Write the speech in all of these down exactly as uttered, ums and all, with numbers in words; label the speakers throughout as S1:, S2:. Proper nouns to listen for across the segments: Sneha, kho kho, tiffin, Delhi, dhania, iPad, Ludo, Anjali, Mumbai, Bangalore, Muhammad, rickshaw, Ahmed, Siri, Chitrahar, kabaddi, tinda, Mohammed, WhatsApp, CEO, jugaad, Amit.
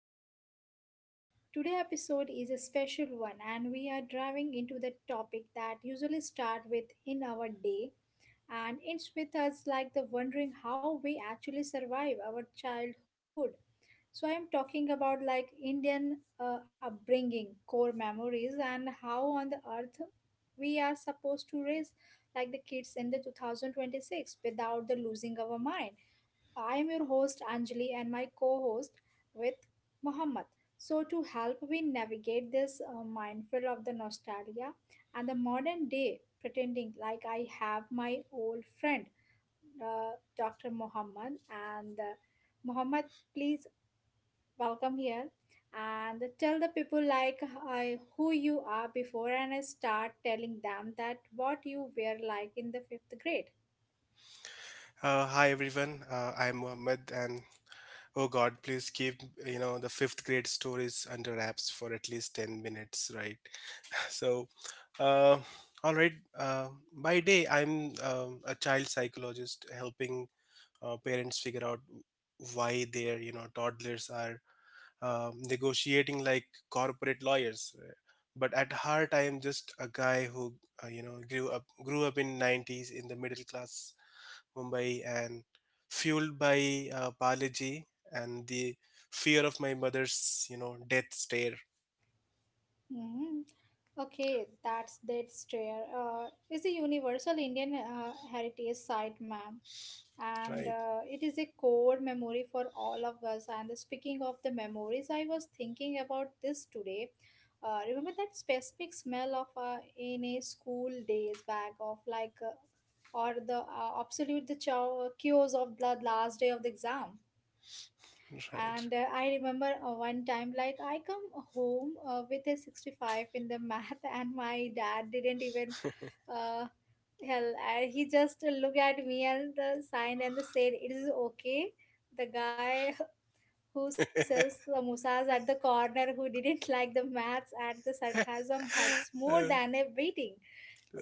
S1: the show, everyone. Today episode is a special one, and we are driving into the topic that usually start with in our day, and it's with us like the wondering how we actually survive our childhood. So, I am talking about like Indian uh, upbringing, core memories, and how on the earth we are supposed to raise like the kids in the two thousand twenty-six without the losing our mind. I am your host Anjali and my co-host with Muhammad. So to help me navigate this uh, minefield of the nostalgia and the modern day pretending like I have my old friend uh, Doctor Muhammad and uh, Muhammad, please welcome here and tell the people like I, who you are before and I start telling them that what you were like in the fifth grade.
S2: Uh, hi everyone, uh, I'm Mohammed, and oh God, please keep you know the fifth grade stories under wraps for at least ten minutes, right? So, uh, all right. Uh, by day, I'm um a child psychologist helping uh, parents figure out why their you know toddlers are um negotiating like corporate lawyers. But at heart, I am just a guy who uh, you know grew up grew up in nineties in the middle class Mumbai, and fueled by uh, biology and the fear of my mother's, you know, death stare.
S1: Hmm. Okay, that's that's stair. Uh, it's a universal Indian uh, heritage site, ma'am, and
S2: Right,
S1: uh, it is a core memory for all of us. And speaking of the memories, I was thinking about this today. Uh, remember that specific smell of uh, in a school days back of like, uh, or the uh, absolute the chow chaos of the last day of the exam.
S2: right,
S1: And uh, I remember uh, one time, like I come home uh, with a sixty-five in the math, and my dad didn't even, uh, hell, I, he just looked at me and the sign and the said, "It is okay." The guy who sells samosas at the corner who didn't like the maths and the sarcasm hurts more
S2: Uh,
S1: than a beating.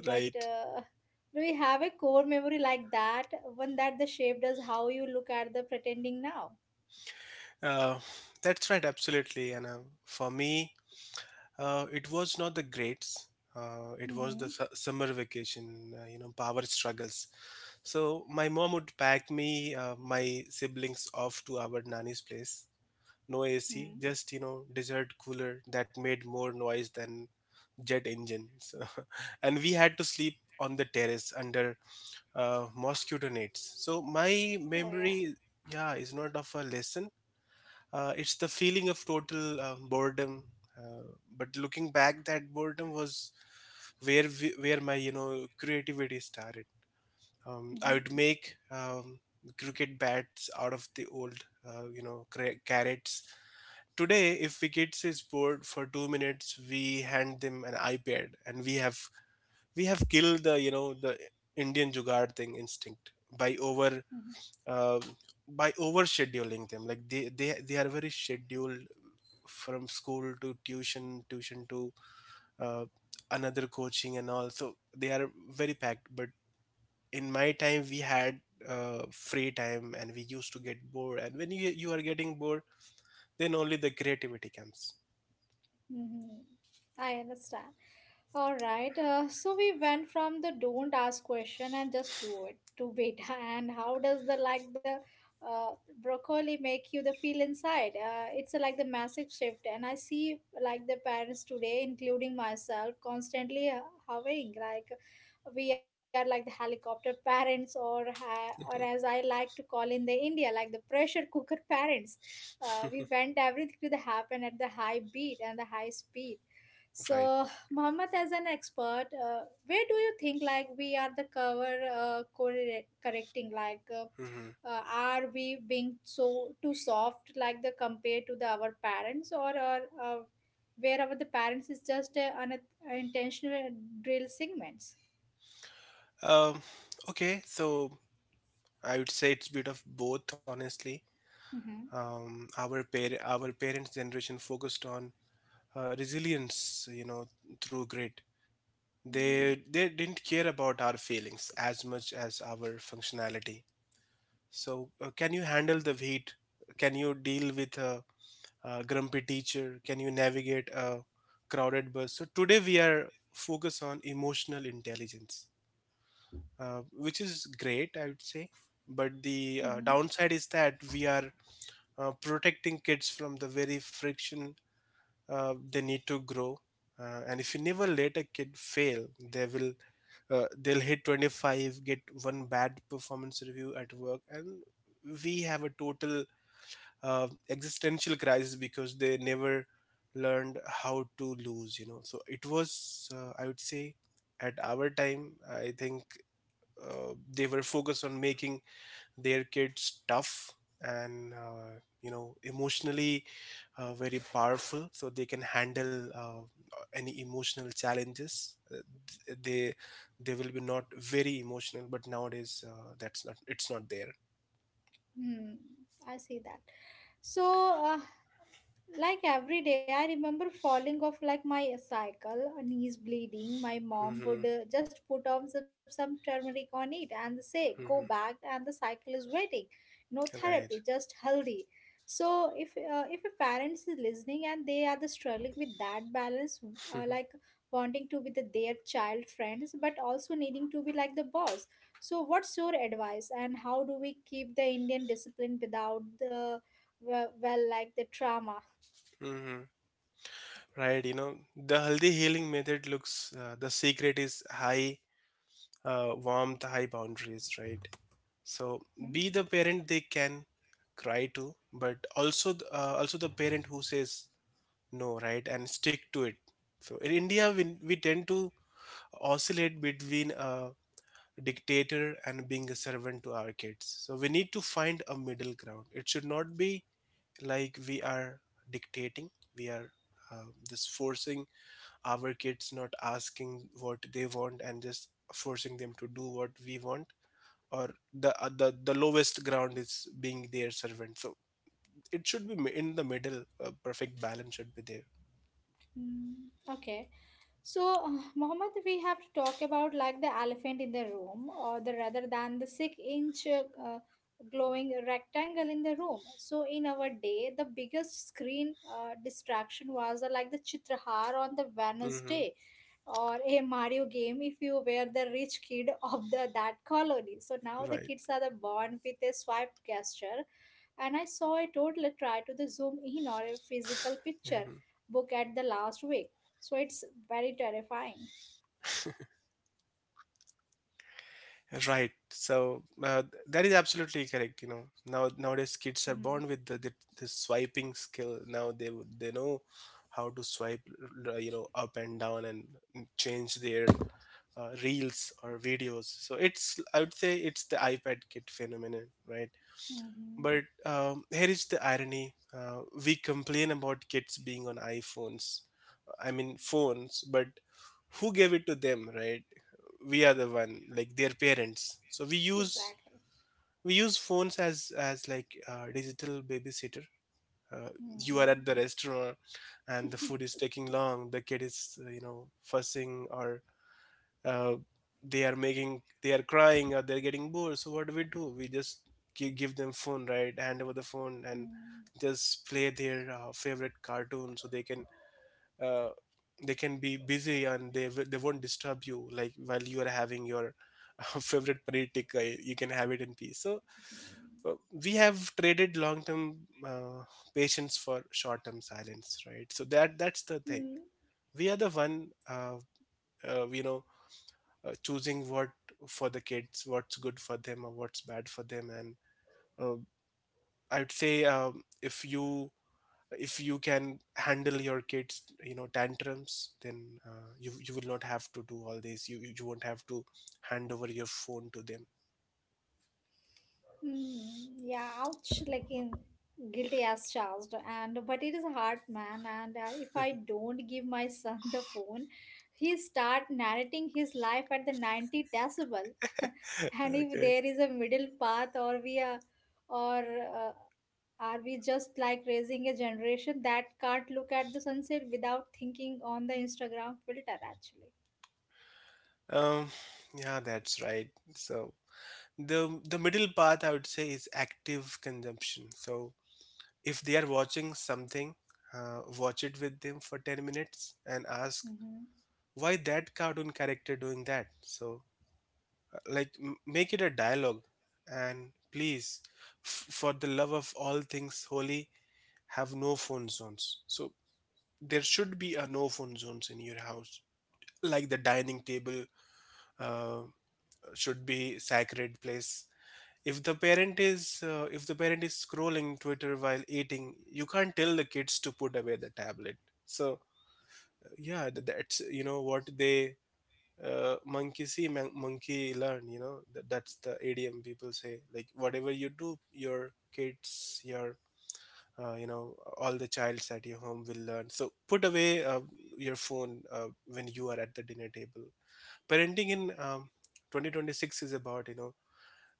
S2: right.
S1: But uh, do we have a core memory like that? One that the shape does how you look at the pretending now.
S2: Uh, that's right, absolutely. And uh, for me, uh, it was not the grades. Uh, it was the
S1: Mm-hmm.
S2: su- summer vacation, uh, you know, power struggles. So my mom would pack me, uh, my siblings off to our nanny's place, no A C,
S1: Mm-hmm.
S2: just you know, desert cooler that made more noise than jet engines, and we had to sleep on the terrace under uh, mosquito nets. So my
S1: Oh yeah.
S2: memory, yeah, is not of a lesson. Uh, it's the feeling of total uh, boredom. Uh, but looking back, that boredom was where we, where my you know creativity started. Um, I
S1: Hmm.
S2: would make um, cricket bats out of the old uh, you know cra- carrots. Today, if we kids is bored for two minutes, we hand them an iPad and we have we have killed the you know the Indian jugaad thing instinct by over
S1: Hmm.
S2: uh, by over scheduling them. Like they they they are very scheduled from school to tuition, tuition to uh, another coaching and all. So they are very packed. But in my time, we had uh, free time and we used to get bored. And when you you are getting bored, then only the creativity comes.
S1: Hmm. I understand. All right. Uh, so we went from the don't ask question and just do it to beta. And how does the like the uh, broccoli make you the feel inside? Uh, it's like the massive shift. And I see like the parents today, including myself, constantly uh, hovering like we are like the helicopter parents or ha- or
S2: Mhm.
S1: as I like to call in the India, like the pressure cooker parents uh, we went everything to the happen at the high beat and the high speed
S2: Right.
S1: so Muhammad as an expert uh, where do you think like we are the cover uh, corre- correcting like uh,
S2: Hmm.
S1: uh, are we being so too soft like the compared to the our parents or or uh, wherever the parents is just uh, an uh, intentional drill segments.
S2: Um, okay, so I would say it's a bit of both, honestly.
S1: Mm-hmm.
S2: Um, our par- our parents' generation focused on uh, resilience, you know, through grit.
S1: Mm.
S2: They they didn't care about our feelings as much as our functionality. So, uh, can you handle the heat? Can you deal with a, a grumpy teacher? Can you navigate a crowded bus? So today we are focused on emotional intelligence, uh, which is great, I would say. But the uh, downside is that we are uh, protecting kids from the very friction uh, they need to grow. Uh, and if you never let a kid fail, they will uh, they'll hit twenty-five, get one bad performance review at work, and we have a total uh, existential crisis because they never learned how to lose. You know, so it was uh, I would say at our time, I think uh, they were focused on making their kids tough and uh, you know emotionally uh, very powerful so they can handle uh, any emotional challenges. Uh, th- they they will be not very emotional, but nowadays uh, that's not it's not there.
S1: Mm, I see that so, uh, like every day, I remember falling off like my cycle, knees bleeding. My mom would
S2: Hmm.
S1: uh, just put on some, some turmeric on it and say, Go
S2: Hmm.
S1: back, and the cycle is waiting. No therapy,
S2: Right.
S1: just healthy. So, if, uh, if a parent is listening and they are the struggling with that balance, uh, like wanting to be the, their child friends, but also needing to be like the boss. So, what's your advice, and how do we keep the Indian discipline without the, well, well like the trauma?
S2: Hmm. Right. you know the healthy healing method looks, uh, the secret is high uh, warmth, high boundaries, right? So be the parent they can cry to, but also th- uh, also the parent who says no, right? And stick to it. So in India, we, we tend to oscillate between a dictator and being a servant to our kids. So we need to find a middle ground. It should not be like we are dictating, we are uh, just forcing our kids, not asking what they want, and just forcing them to do what we want. Or the uh, the the lowest ground is being their servant. So it should be mi- in the middle. A perfect balance should be there.
S1: Mm. Okay. So, uh, Mohammed, we have to talk about like the elephant in the room, or the rather than the six-inch uh, uh, glowing rectangle in the room. So, in our day, the biggest screen uh, distraction was uh, like the Chitrahar on the
S2: Hmm.
S1: Wednesday, or a Mario game if you were the rich kid of the that colony. So now the
S2: Right.
S1: kids are the born with a swipe gesture, and I
S2: Yeah.
S1: saw a toddler try to the zoom in or a physical picture book at the last week. So it's very terrifying.
S2: Right. So uh, that is absolutely correct. You know, now nowadays kids are born with the, the, the swiping skill. Now they would- they know how to swipe, uh, you know, up and down and change their uh, reels or videos. So it's, I would say, it's the iPad kid phenomenon, right?
S1: Mm-hmm.
S2: But um, here is the irony: uh, we complain about kids being on iPhones, I mean phones, but who gave it to them, right? We are the one, like their parents. So we use
S1: Exactly.
S2: we use phones as as like uh, digital babysitter. Uh, you are at
S1: Mm-hmm.
S2: the restaurant, and the food is taking long. The kid is uh, you know fussing, or uh, they are making they are crying, or they're getting bored. So what do we do? We just gi- give them phone, right? Hand over the phone and just play their uh, favorite cartoon so they can uh, they can be busy and they w- they won't disturb you like while you are having your favorite paneer tikka. You can have it in peace. So uh, we have traded long term uh, patience for short term silence, right? So that that's the thing.
S1: Mm-hmm.
S2: We are the one, uh, uh, you know uh, choosing what for the kids, what's good for them or what's bad for them. And uh, I'd say um, if you, if you can handle your kids you know tantrums, then uh, you you will not have to do all this. You you won't have to hand over your phone to them.
S1: Mm, yeah, ouch, like in guilty as charged. And but it is hard, man. And uh, if I don't give my son the phone, he start narrating his life at the ninety decibel. And if
S2: Okay.
S1: there is a middle path, or we are, or uh, are we just like raising a generation that can't look at the sunset without thinking on the Instagram filter, actually?
S2: um yeah, that's right. So the the middle path, I would say, is active consumption. So if they are watching something, uh, watch it with them for ten minutes and ask
S1: Mm-hmm.
S2: why that cartoon character doing that. So like m- make it a dialogue, and please, f- for the love of all things holy, have no phone zones. So there should be a no phone zones in your house, like the dining table. uh, should be sacred place. If the parent is uh, if the parent is scrolling Twitter while eating, you can't tell the kids to put away the tablet. So yeah, th- that's, you know what they uh, monkey see, mon- monkey learn, you know. That, that's the adm people say, like, whatever you do your kids, your, uh, you know all the childs at your home will learn. So put away uh, your phone uh, when you are at the dinner table. Parenting in um, twenty twenty-six is about, you know,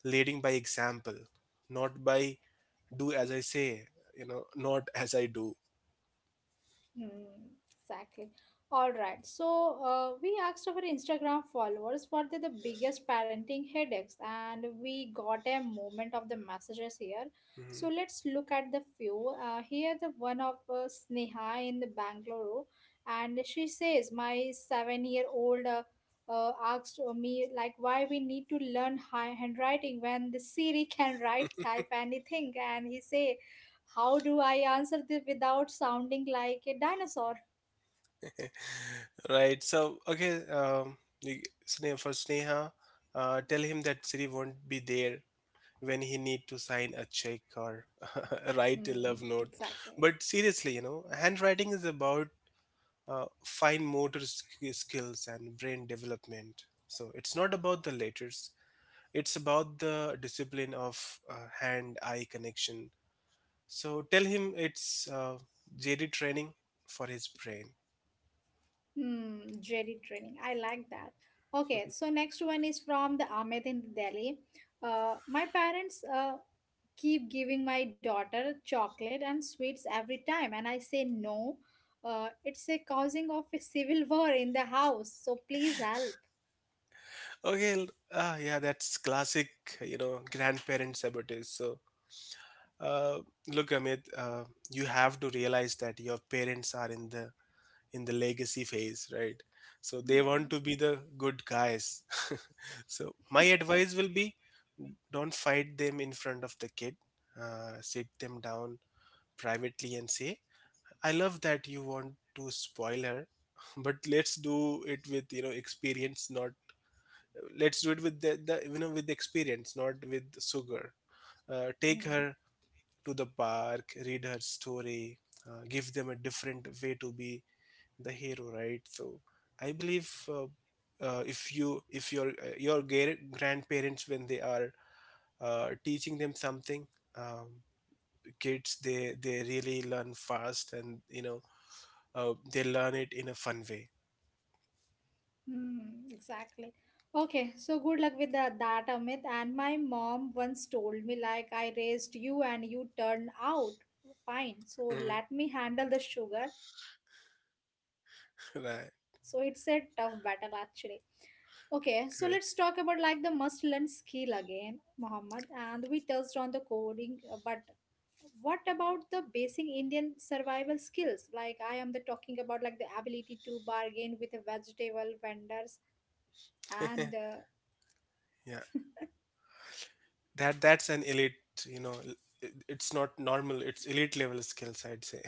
S2: leading by example, not by do as I say, you know, not as I do.
S1: Hmm, exactly. All right. So uh, we asked our Instagram followers what are the biggest parenting headaches, and we got a moment of the messages here. So
S2: Mhm.
S1: let's look at the few. Uh, here, the one of uh, Sneha in the Bangalore, and she says, "My seven-year-old uh, uh, asked me like why we need to learn hi- handwriting when the Siri can write, type anything," and he say how do I answer this without sounding like a dinosaur?
S2: Right. So okay, um, you- Sne- for Sneha, uh, tell him that Siri won't be there when he need to sign a check or write a
S1: Hmm,
S2: love note.
S1: exactly.
S2: But seriously, you know, handwriting is about uh, fine motor sk- skills and brain development. So it's not about the letters. It's about the discipline of uh, hand-eye connection. So tell him it's uh, J D training for his brain.
S1: Hmm, dreaded training. I like that. Okay, so next one is from the Ahmed in Delhi. Uh, my parents uh, keep giving my daughter chocolate and sweets every time, and I say no. Uh, it's a causing of a civil war in the house, so please help.
S2: Okay, l- ah, yeah, that's classic, you know, grandparent sabotage. So, uh, look, Amit, uh, you have to realize that your parents are in the in the legacy phase, right? So they want
S1: Hmm.
S2: to be the good guys. So my advice will be, don't fight them in front of the kid. Uh, sit them down privately and say, "I love that you want to spoil her, but let's do it with you know experience, not let's do it with the, the you know with experience, not with sugar. Uh, take
S1: Hmm.
S2: her to the park, read her story. Uh, give them a different way to be the hero, right? So I believe uh, uh, if you if your uh, your gar- grandparents, when they are uh, teaching them something, um, kids, they they really learn fast and you know uh, they learn it in a fun way.
S1: Hmm, exactly. Okay, so good luck with that, that, Amit. And my mom once told me, like, I raised you and you turned out fine. So
S2: Mm,
S1: let me handle the sugar. So it's a tough battle, actually.
S2: right,
S1: Okay, so let's talk about like the must learn skill
S2: correct.
S1: again, Muhammad. And we touched on the coding, uh, but what about the basic Indian survival skills? Like, I am the talking about like the ability to bargain with the vegetable vendors and uh,
S2: Yeah, that that's an elite, you know, it- it's not normal, it's elite level skills, I'd say.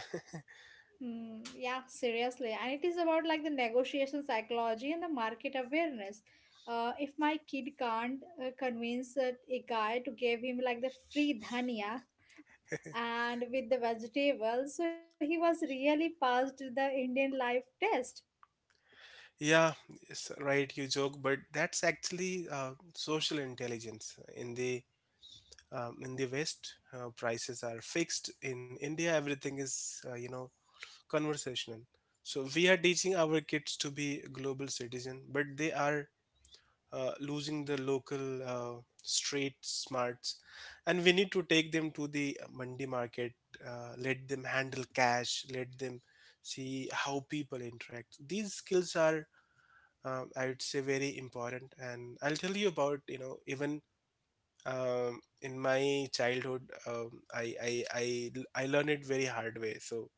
S1: mm, yeah, seriously. And it is about like the negotiation psychology and the market awareness. Uh, if my kid can't uh, convince a, a guy to give him like the free dhania and with the vegetables, so he was really passed the Indian life test.
S2: Yeah, yes, right, you joke, but that's actually uh, social intelligence. In the um, in the west uh, prices are fixed. In india everything is uh, you know conversational. So we are teaching our kids to be global citizen, but they are uh, losing the local uh, street smarts, and we need to take them to the Monday market. Uh, let them handle cash. Let them see how people interact. These skills are, um, I would say, very important. And I'll tell you about, you know, even um, in my childhood, um, I, I I I learned it very hard way. So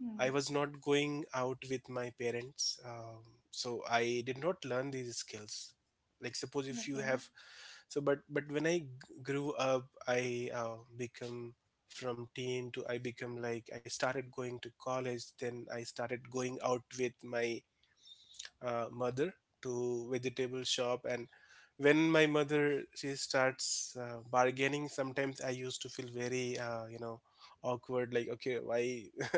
S1: Hmm.
S2: I was not going out with my parents, um, so I did not learn these skills. Like suppose if you
S1: Okay.
S2: have, so but but when I g- grew up, I uh, become from teen to I become, like, I started going to college. Then I started going out with my uh, mother to vegetable shop, and when my mother she starts uh, bargaining, sometimes I used to feel very uh, you know awkward, like okay, why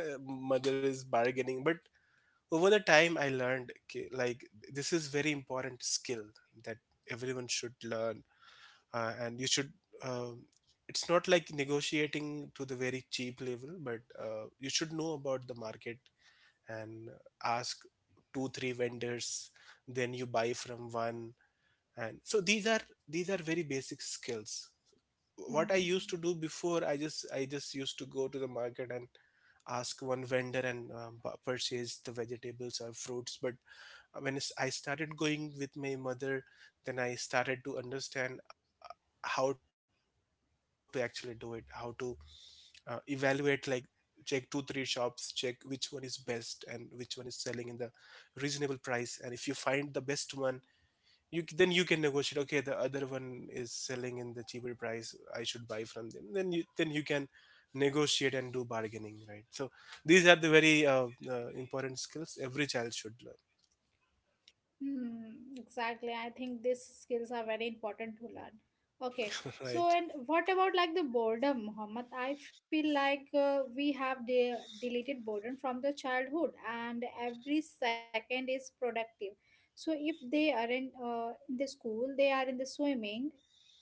S2: mother is bargaining. But over the time I learned, okay, like this is very important skill that everyone should learn. Uh, and you should um, it's not like negotiating to the very cheap level, but uh, you should know about the market and ask two three vendors, then you buy from one. And so these are these are very basic skills. What I used
S1: Hmm.
S2: to do before, I just i just used to go to the market and ask one vendor and um, purchase the vegetables or fruits. But when I started going with my mother, then I started to understand uh, how to actually do it, how to uh, evaluate, like check two three shops, check which one is best and which one is selling in the reasonable price. And if you find the best one, you c- then you can negotiate, okay, the other one is selling in the cheaper price, I should buy from them. Then you then you can negotiate and do bargaining, right? So these are the very uh, uh, important skills every child should learn.
S1: Hmm, exactly. I think these skills are very important to learn. Okay. So,
S2: Right.
S1: and what about like the boredom, Mohammed? I feel like uh, we have de- deleted boredom from the childhood, and every second is productive. So, if they are in uh, in the school, they are in the swimming,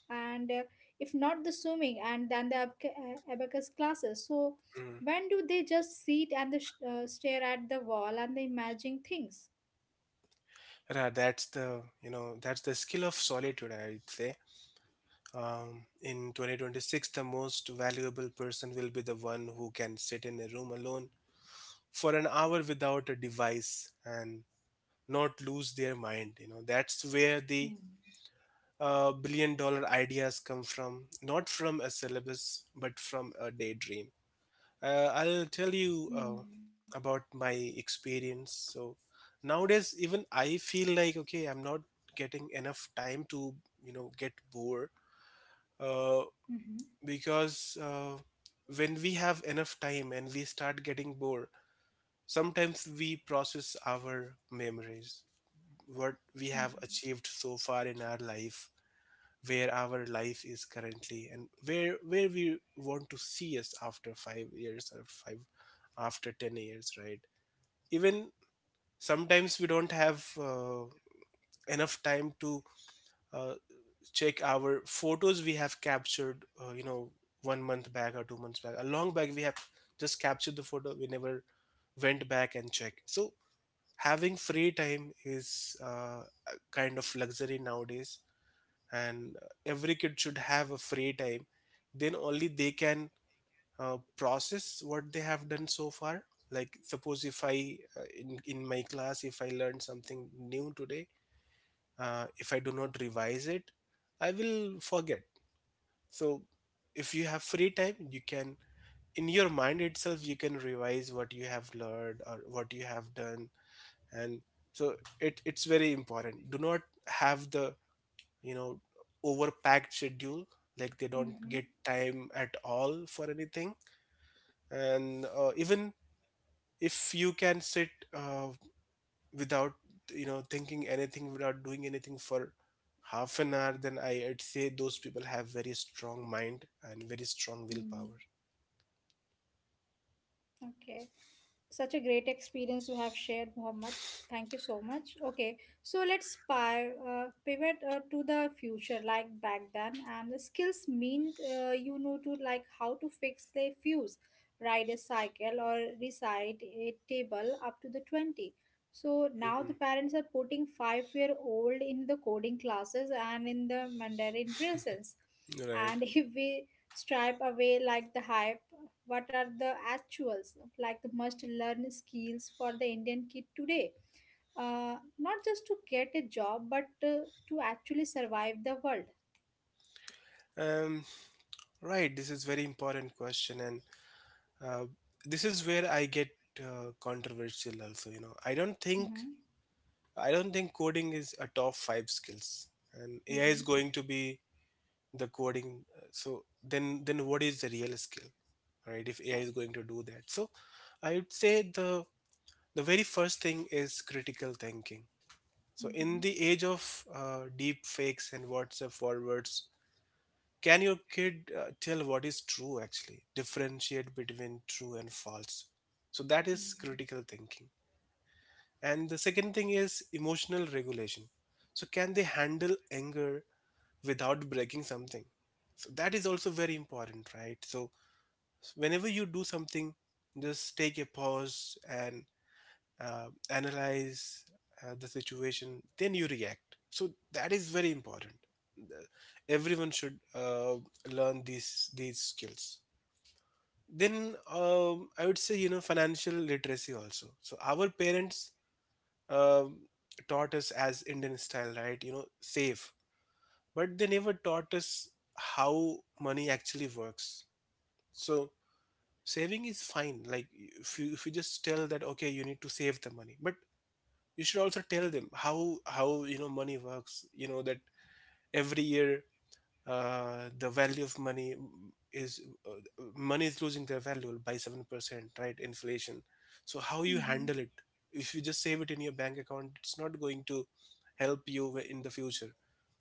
S1: and uh, if not the swimming, and then the abca- uh, abacus classes. So,
S2: mm.
S1: when do they just sit and the sh- uh, stare at the wall and they imagine things?
S2: Ra- that's the, you know, that's the skill of solitude, I'd say. Um, in twenty twenty-six, the most valuable person will be the one who can sit in a room alone for an hour without a device and not lose their mind. You know, that's where the
S1: Hmm.
S2: uh, billion dollar ideas come from, not from a syllabus, but from a daydream. Uh, I'll tell you uh,
S1: Hmm.
S2: about my experience. So nowadays, even I feel like, okay, I'm not getting enough time to, you know, get bored. Uh.
S1: Mm-hmm.
S2: Because uh, when we have enough time and we start getting bored, sometimes we process our memories, what we have
S1: Mm-hmm.
S2: achieved so far in our life, where our life is currently, and where where we want to see us after five years or five after ten years, right? Even sometimes we don't have uh, enough time to uh, check our photos we have captured, uh, you know one month back or two months back, a long back we have just captured the photo, we never went back and checked. So having free time is uh, a kind of luxury nowadays, and uh, every kid should have a free time, then only they can uh, process what they have done so far. Like suppose if i uh, in, in my class if I learn something new today, uh, if I do not revise it, I will forget. So if you have free time, you can in your mind itself you can revise what you have learned or what you have done. And so it, it's very important. Do not have the, you know, overpacked schedule, like they don't
S1: Mm-hmm.
S2: get time at all for anything. And uh, even if you can sit uh, without, you know, thinking anything, without doing anything for half an hour, then I, I'd say those people have very strong mind and very strong
S1: Mm.
S2: willpower.
S1: Okay. Such a great experience you have shared, Mohammed. Thank you so much. Okay, so let's pi- uh, pivot uh, to the future, like back then, and the skills mean uh, you know to like how to fix the fuse, ride a cycle, or recite a table up to the twenty. So now the
S2: Mhm.
S1: parents are putting five-year-old in the coding classes and in the Mandarin lessons,
S2: Right.
S1: and if we stripe away like the hype what are the actuals like the must learn skills for the indian kid today uh, not just to get a job but uh, to actually survive the world.
S2: Um, right. This is very important question, and uh, this is where I get uh, controversial. Also, you know, I don't think
S1: Mm-hmm.
S2: I don't think coding is a top five skills, and A I is
S1: Mm-hmm.
S2: going to be the coding. uh, So then, then what is the real skill, right? If A I is
S1: Exactly.
S2: going to do that, so I would say the the very first thing is critical thinking. So in
S1: Mm-hmm.
S2: the age of uh, deep fakes and WhatsApp forwards, can your kid uh, tell what is true, actually? Differentiate between true and false. So that is critical thinking. And the second thing is emotional regulation. So can they handle anger without breaking something? So that is also very important, right? So whenever you do something, just take a pause and uh, analyze uh, the situation, then you react. So that is very important. The- Everyone should uh, learn these these skills. Then um, I would say, you know, financial literacy also. So our parents um, taught us as Indian style, right? You know, save, but they never taught us how money actually works. So saving is fine. Like if you if you just tell that okay, you need to save the money, but you should also tell them how how you know, money works, you know, that every year uh, the value of money is uh, money is losing their value by seven percent, right, inflation. So how you handle
S1: Mm-hmm.
S2: it? If you just save it in your bank account, it's not going to help you in the future.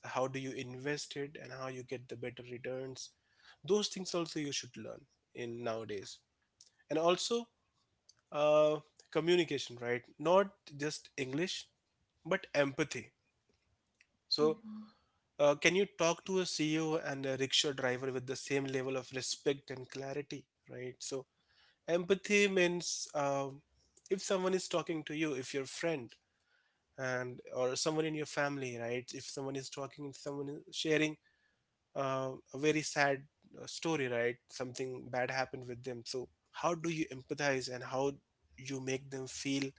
S2: So how do you invest it and how you get the better returns, those things also you should learn in nowadays. And also uh, communication, right? Not just English, but empathy. So,
S1: Mm-hmm.
S2: uh, can you talk to a C E O and a rickshaw driver with the same level of respect and clarity, right? So empathy means, um, if someone is talking to you, if your friend and or someone in your family, right? If someone is talking and someone is sharing uh, a very sad uh, story, right? Something bad happened with them. So how do you empathize and how you make them feel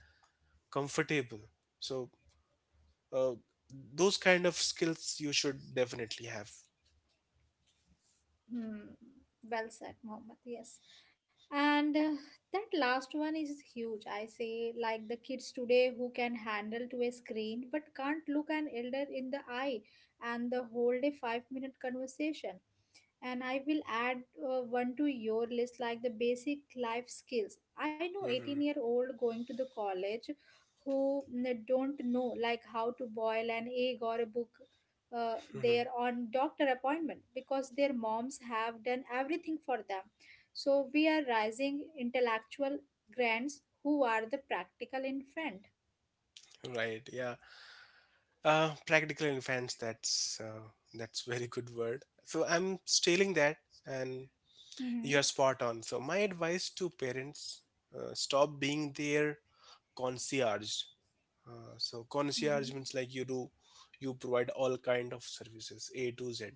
S2: comfortable? So uh, those kind of skills you should definitely have.
S1: Hmm. Well said, Mohammed. Yes. And uh, that last one is huge. I say, like the kids today who can handle to a screen but can't look an elder in the eye and the whole day five minute conversation. And I will add uh, one to your list like the basic life skills. I know 18
S2: Mm-hmm.
S1: year old going to the college who mm, don't know like how to boil an egg or a book uh, their
S2: Mhm.
S1: on doctor appointment because their moms have done everything for them. So we are rising intellectual grands who are the practical infant.
S2: Right. Yeah. Uh, practical infants. That's uh, that's very good word. So I'm stealing that, and
S1: Mm-hmm.
S2: you're spot on. So my advice to parents: uh, stop being their concierge. Uh, so
S1: Mm-hmm.
S2: concierge means like you do, you provide all kind of services A to Z.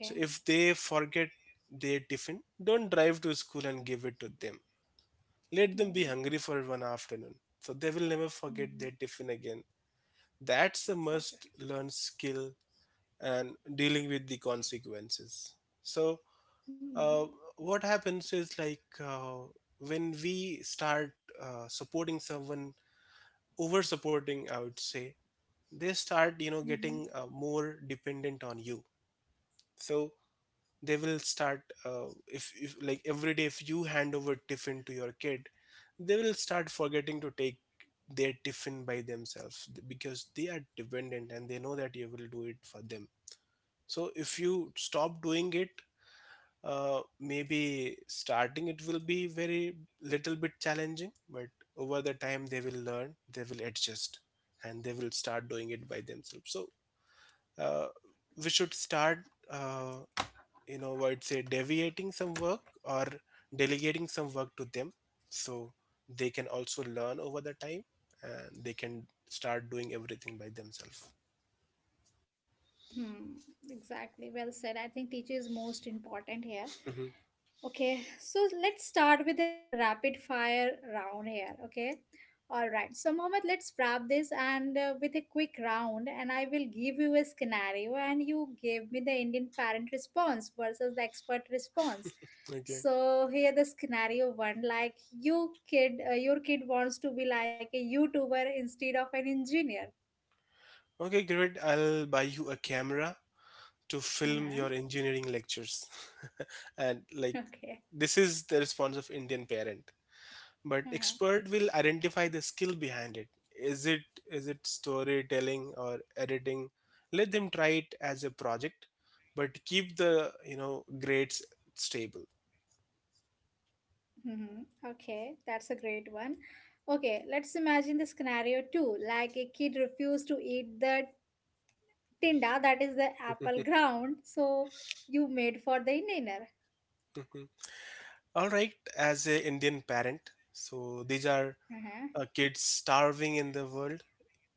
S2: So if they forget their tiffin, don't drive to school and give it to them. Let them be hungry for one afternoon. So they will never forget their
S1: Mm-hmm.
S2: tiffin again. That's a
S1: Exactly.
S2: must learn skill, and dealing with the consequences. So uh, what happens is like uh, when we start uh, supporting someone, over supporting I would say, they start, you know,
S1: Mm-hmm.
S2: getting uh, more dependent on you. So they will start uh, if, if like every day if you hand over tiffin to your kid, they will start forgetting to take their tiffin by themselves, th- because they are dependent and they know that you will do it for them. So if you stop doing it, uh, maybe starting it will be very little bit challenging, but over the time they will learn, they will adjust, and they will start doing it by themselves. So uh, we should start uh, you know, I'd say deviating some work or delegating some work to them, so they can also learn over the time and they can start doing everything by themselves.
S1: Hmm, exactly. Well said. I think teacher is most important here.
S2: Mhm.
S1: Okay, so let's start with a rapid fire round here. Okay, all right. So, Mohammed, let's wrap this and uh, with a quick round, and I will give you a scenario, and you give me the Indian parent response versus the expert response.
S2: Okay.
S1: So here the scenario one, like you kid, uh, your kid wants to be like a YouTuber instead of an engineer.
S2: Okay, great, I'll buy you a camera to film
S1: Uh-huh.
S2: your engineering lectures. And like,
S1: Okay.
S2: this is the response of Indian parent, but expert will identify the skill behind it. Is it, is it storytelling or editing? Let them try it as a project, but keep the, you know, grades stable.
S1: Mm-hmm. Okay, that's a great one. Okay, let's imagine the scenario too. Like a kid refused to eat the tinda, that is the apple ground, so you made for the dinner.
S2: All right, as a Indian parent, so these are
S1: Uh-huh.
S2: uh, kids starving in the world,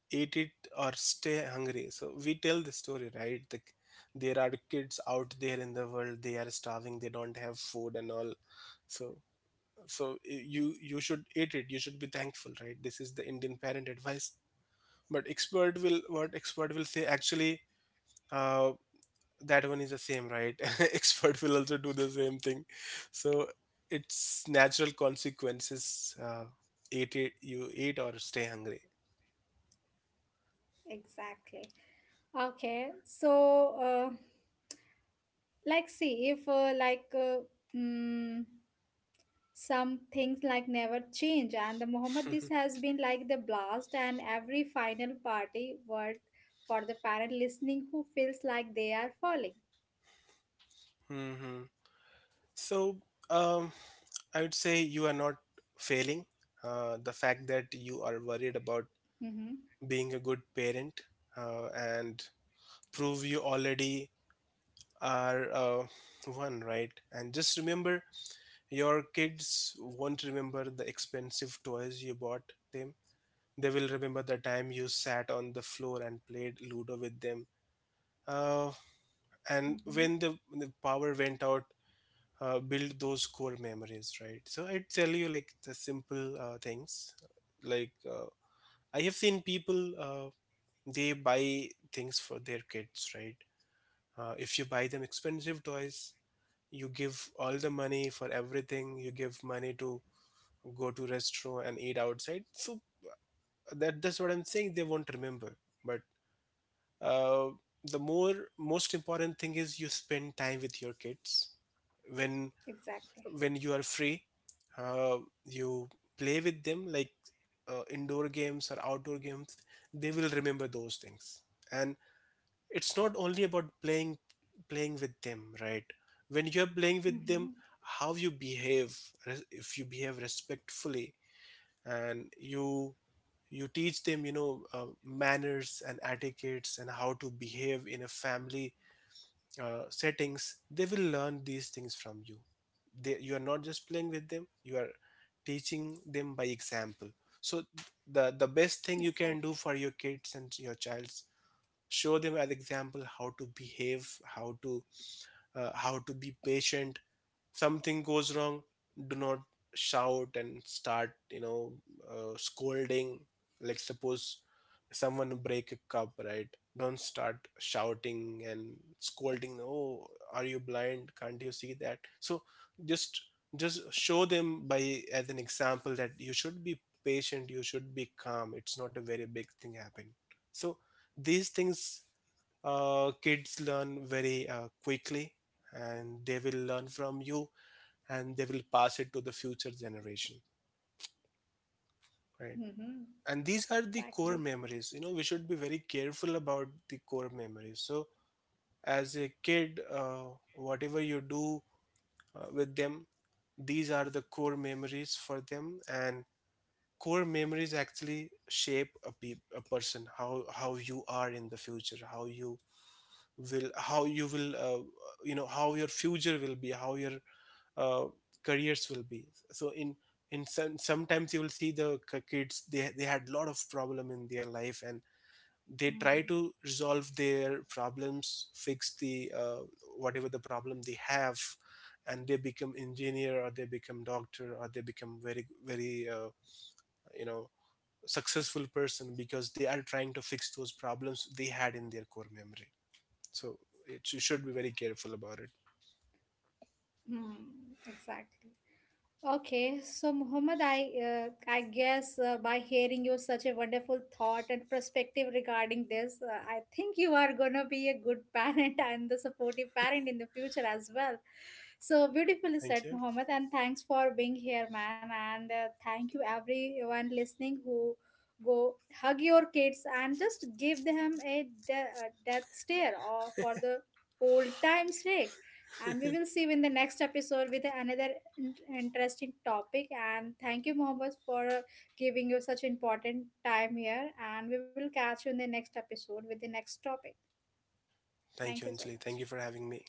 S2: eat it or stay hungry. So we tell the story, right, the, there are kids out there in the world, they are starving, they don't have food and all. So, so you you should eat it, you should be thankful, right? This is the Indian parent advice. But expert will, what expert will say actually? uh, that one is the same, right? Expert will also do the same thing. So it's natural consequences. Uh, eat it, you eat or stay hungry.
S1: Exactly. Okay, so uh, like see if uh, like uh, mm, some things like never change, and the Muhammad this has been like the blast, and every final party word for the parent listening who feels like they are falling.
S2: Hmm. So, um, I would say you are not failing. Uh, the fact that you are worried about
S1: Mm-hmm.
S2: being a good parent uh, and prove you already are uh, one, right? And just remember, your kids won't remember the expensive toys you bought them. They will remember the time you sat on the floor and played Ludo with them. Uh, and
S1: Mm-hmm.
S2: when the, the power went out, uh, build those core memories, right? So I tell you like the simple uh, things. Like uh, I have seen people, uh, they buy things for their kids, right? Uh, if you buy them expensive toys, you give all the money for everything. You give money to go to restaurant and eat outside. So that that's what I'm saying, they won't remember. But uh, the more most important thing is you spend time with your kids when
S1: Exactly.
S2: when you are free. Uh, you play with them like uh, indoor games or outdoor games. They will remember those things. And it's not only about playing, playing with them, right? When you're playing with
S1: Mm-hmm.
S2: them, how you behave, res- if you behave respectfully, and you you teach them, you know, uh, manners and etiquettes and how to behave in a family uh, settings, they will learn these things from you. They, you are not just playing with them, you are teaching them by example. So the the best thing you
S1: Exactly.
S2: can do for your kids and your childs, show them as example how to behave, how to uh, how to be patient. Something goes wrong, do not shout and start, you know, uh, scolding. Like suppose someone break a cup, right, don't start shouting and scolding, oh, are you blind, can't you see that? So just just show them by as an example that you should be patient, you should be calm, it's not a very big thing happen. So these things uh, kids learn very uh, quickly, and they will learn from you, and they will pass it to the future generation, right?
S1: Mm-hmm.
S2: And these are the core
S1: Exactly.
S2: memories, you know, we should be very careful about the core memories. So as a kid, uh, whatever you do uh, with them, these are the core memories for them. And core memories actually shape a, pe- a person, how how you are in the future, how you will, how you will uh, you know, how your future will be, how your uh, careers will be. So in, in some, sometimes you will see the k- kids, they they had lot of problem in their life and they try
S1: Mm-hmm.
S2: to resolve their problems, fix the uh, whatever the problem they have, and they become engineer or they become doctor or they become very very uh, you know, successful person, because they are trying to fix those problems they had in their core memory. So it, you should be very careful about it.
S1: Exactly. Okay, so Muhammad, I uh, I guess uh, by hearing you such a wonderful thought and perspective regarding this, uh, I think you are gonna be a good parent and the supportive parent in the future as well. So beautifully
S2: Thank
S1: said,
S2: you.
S1: Muhammad, and thanks for being here, man. And uh, thank you everyone listening who go hug your kids and just give them a, de- a death stare or for the old time's sake. And we will see you in the next episode with another in- interesting topic and thank you mohammed for uh, giving you such important time here and we will catch you in the next episode with the next topic
S2: Thank
S1: thank
S2: you,
S1: you so
S2: Anjali.
S1: much.
S2: Thank you for having me.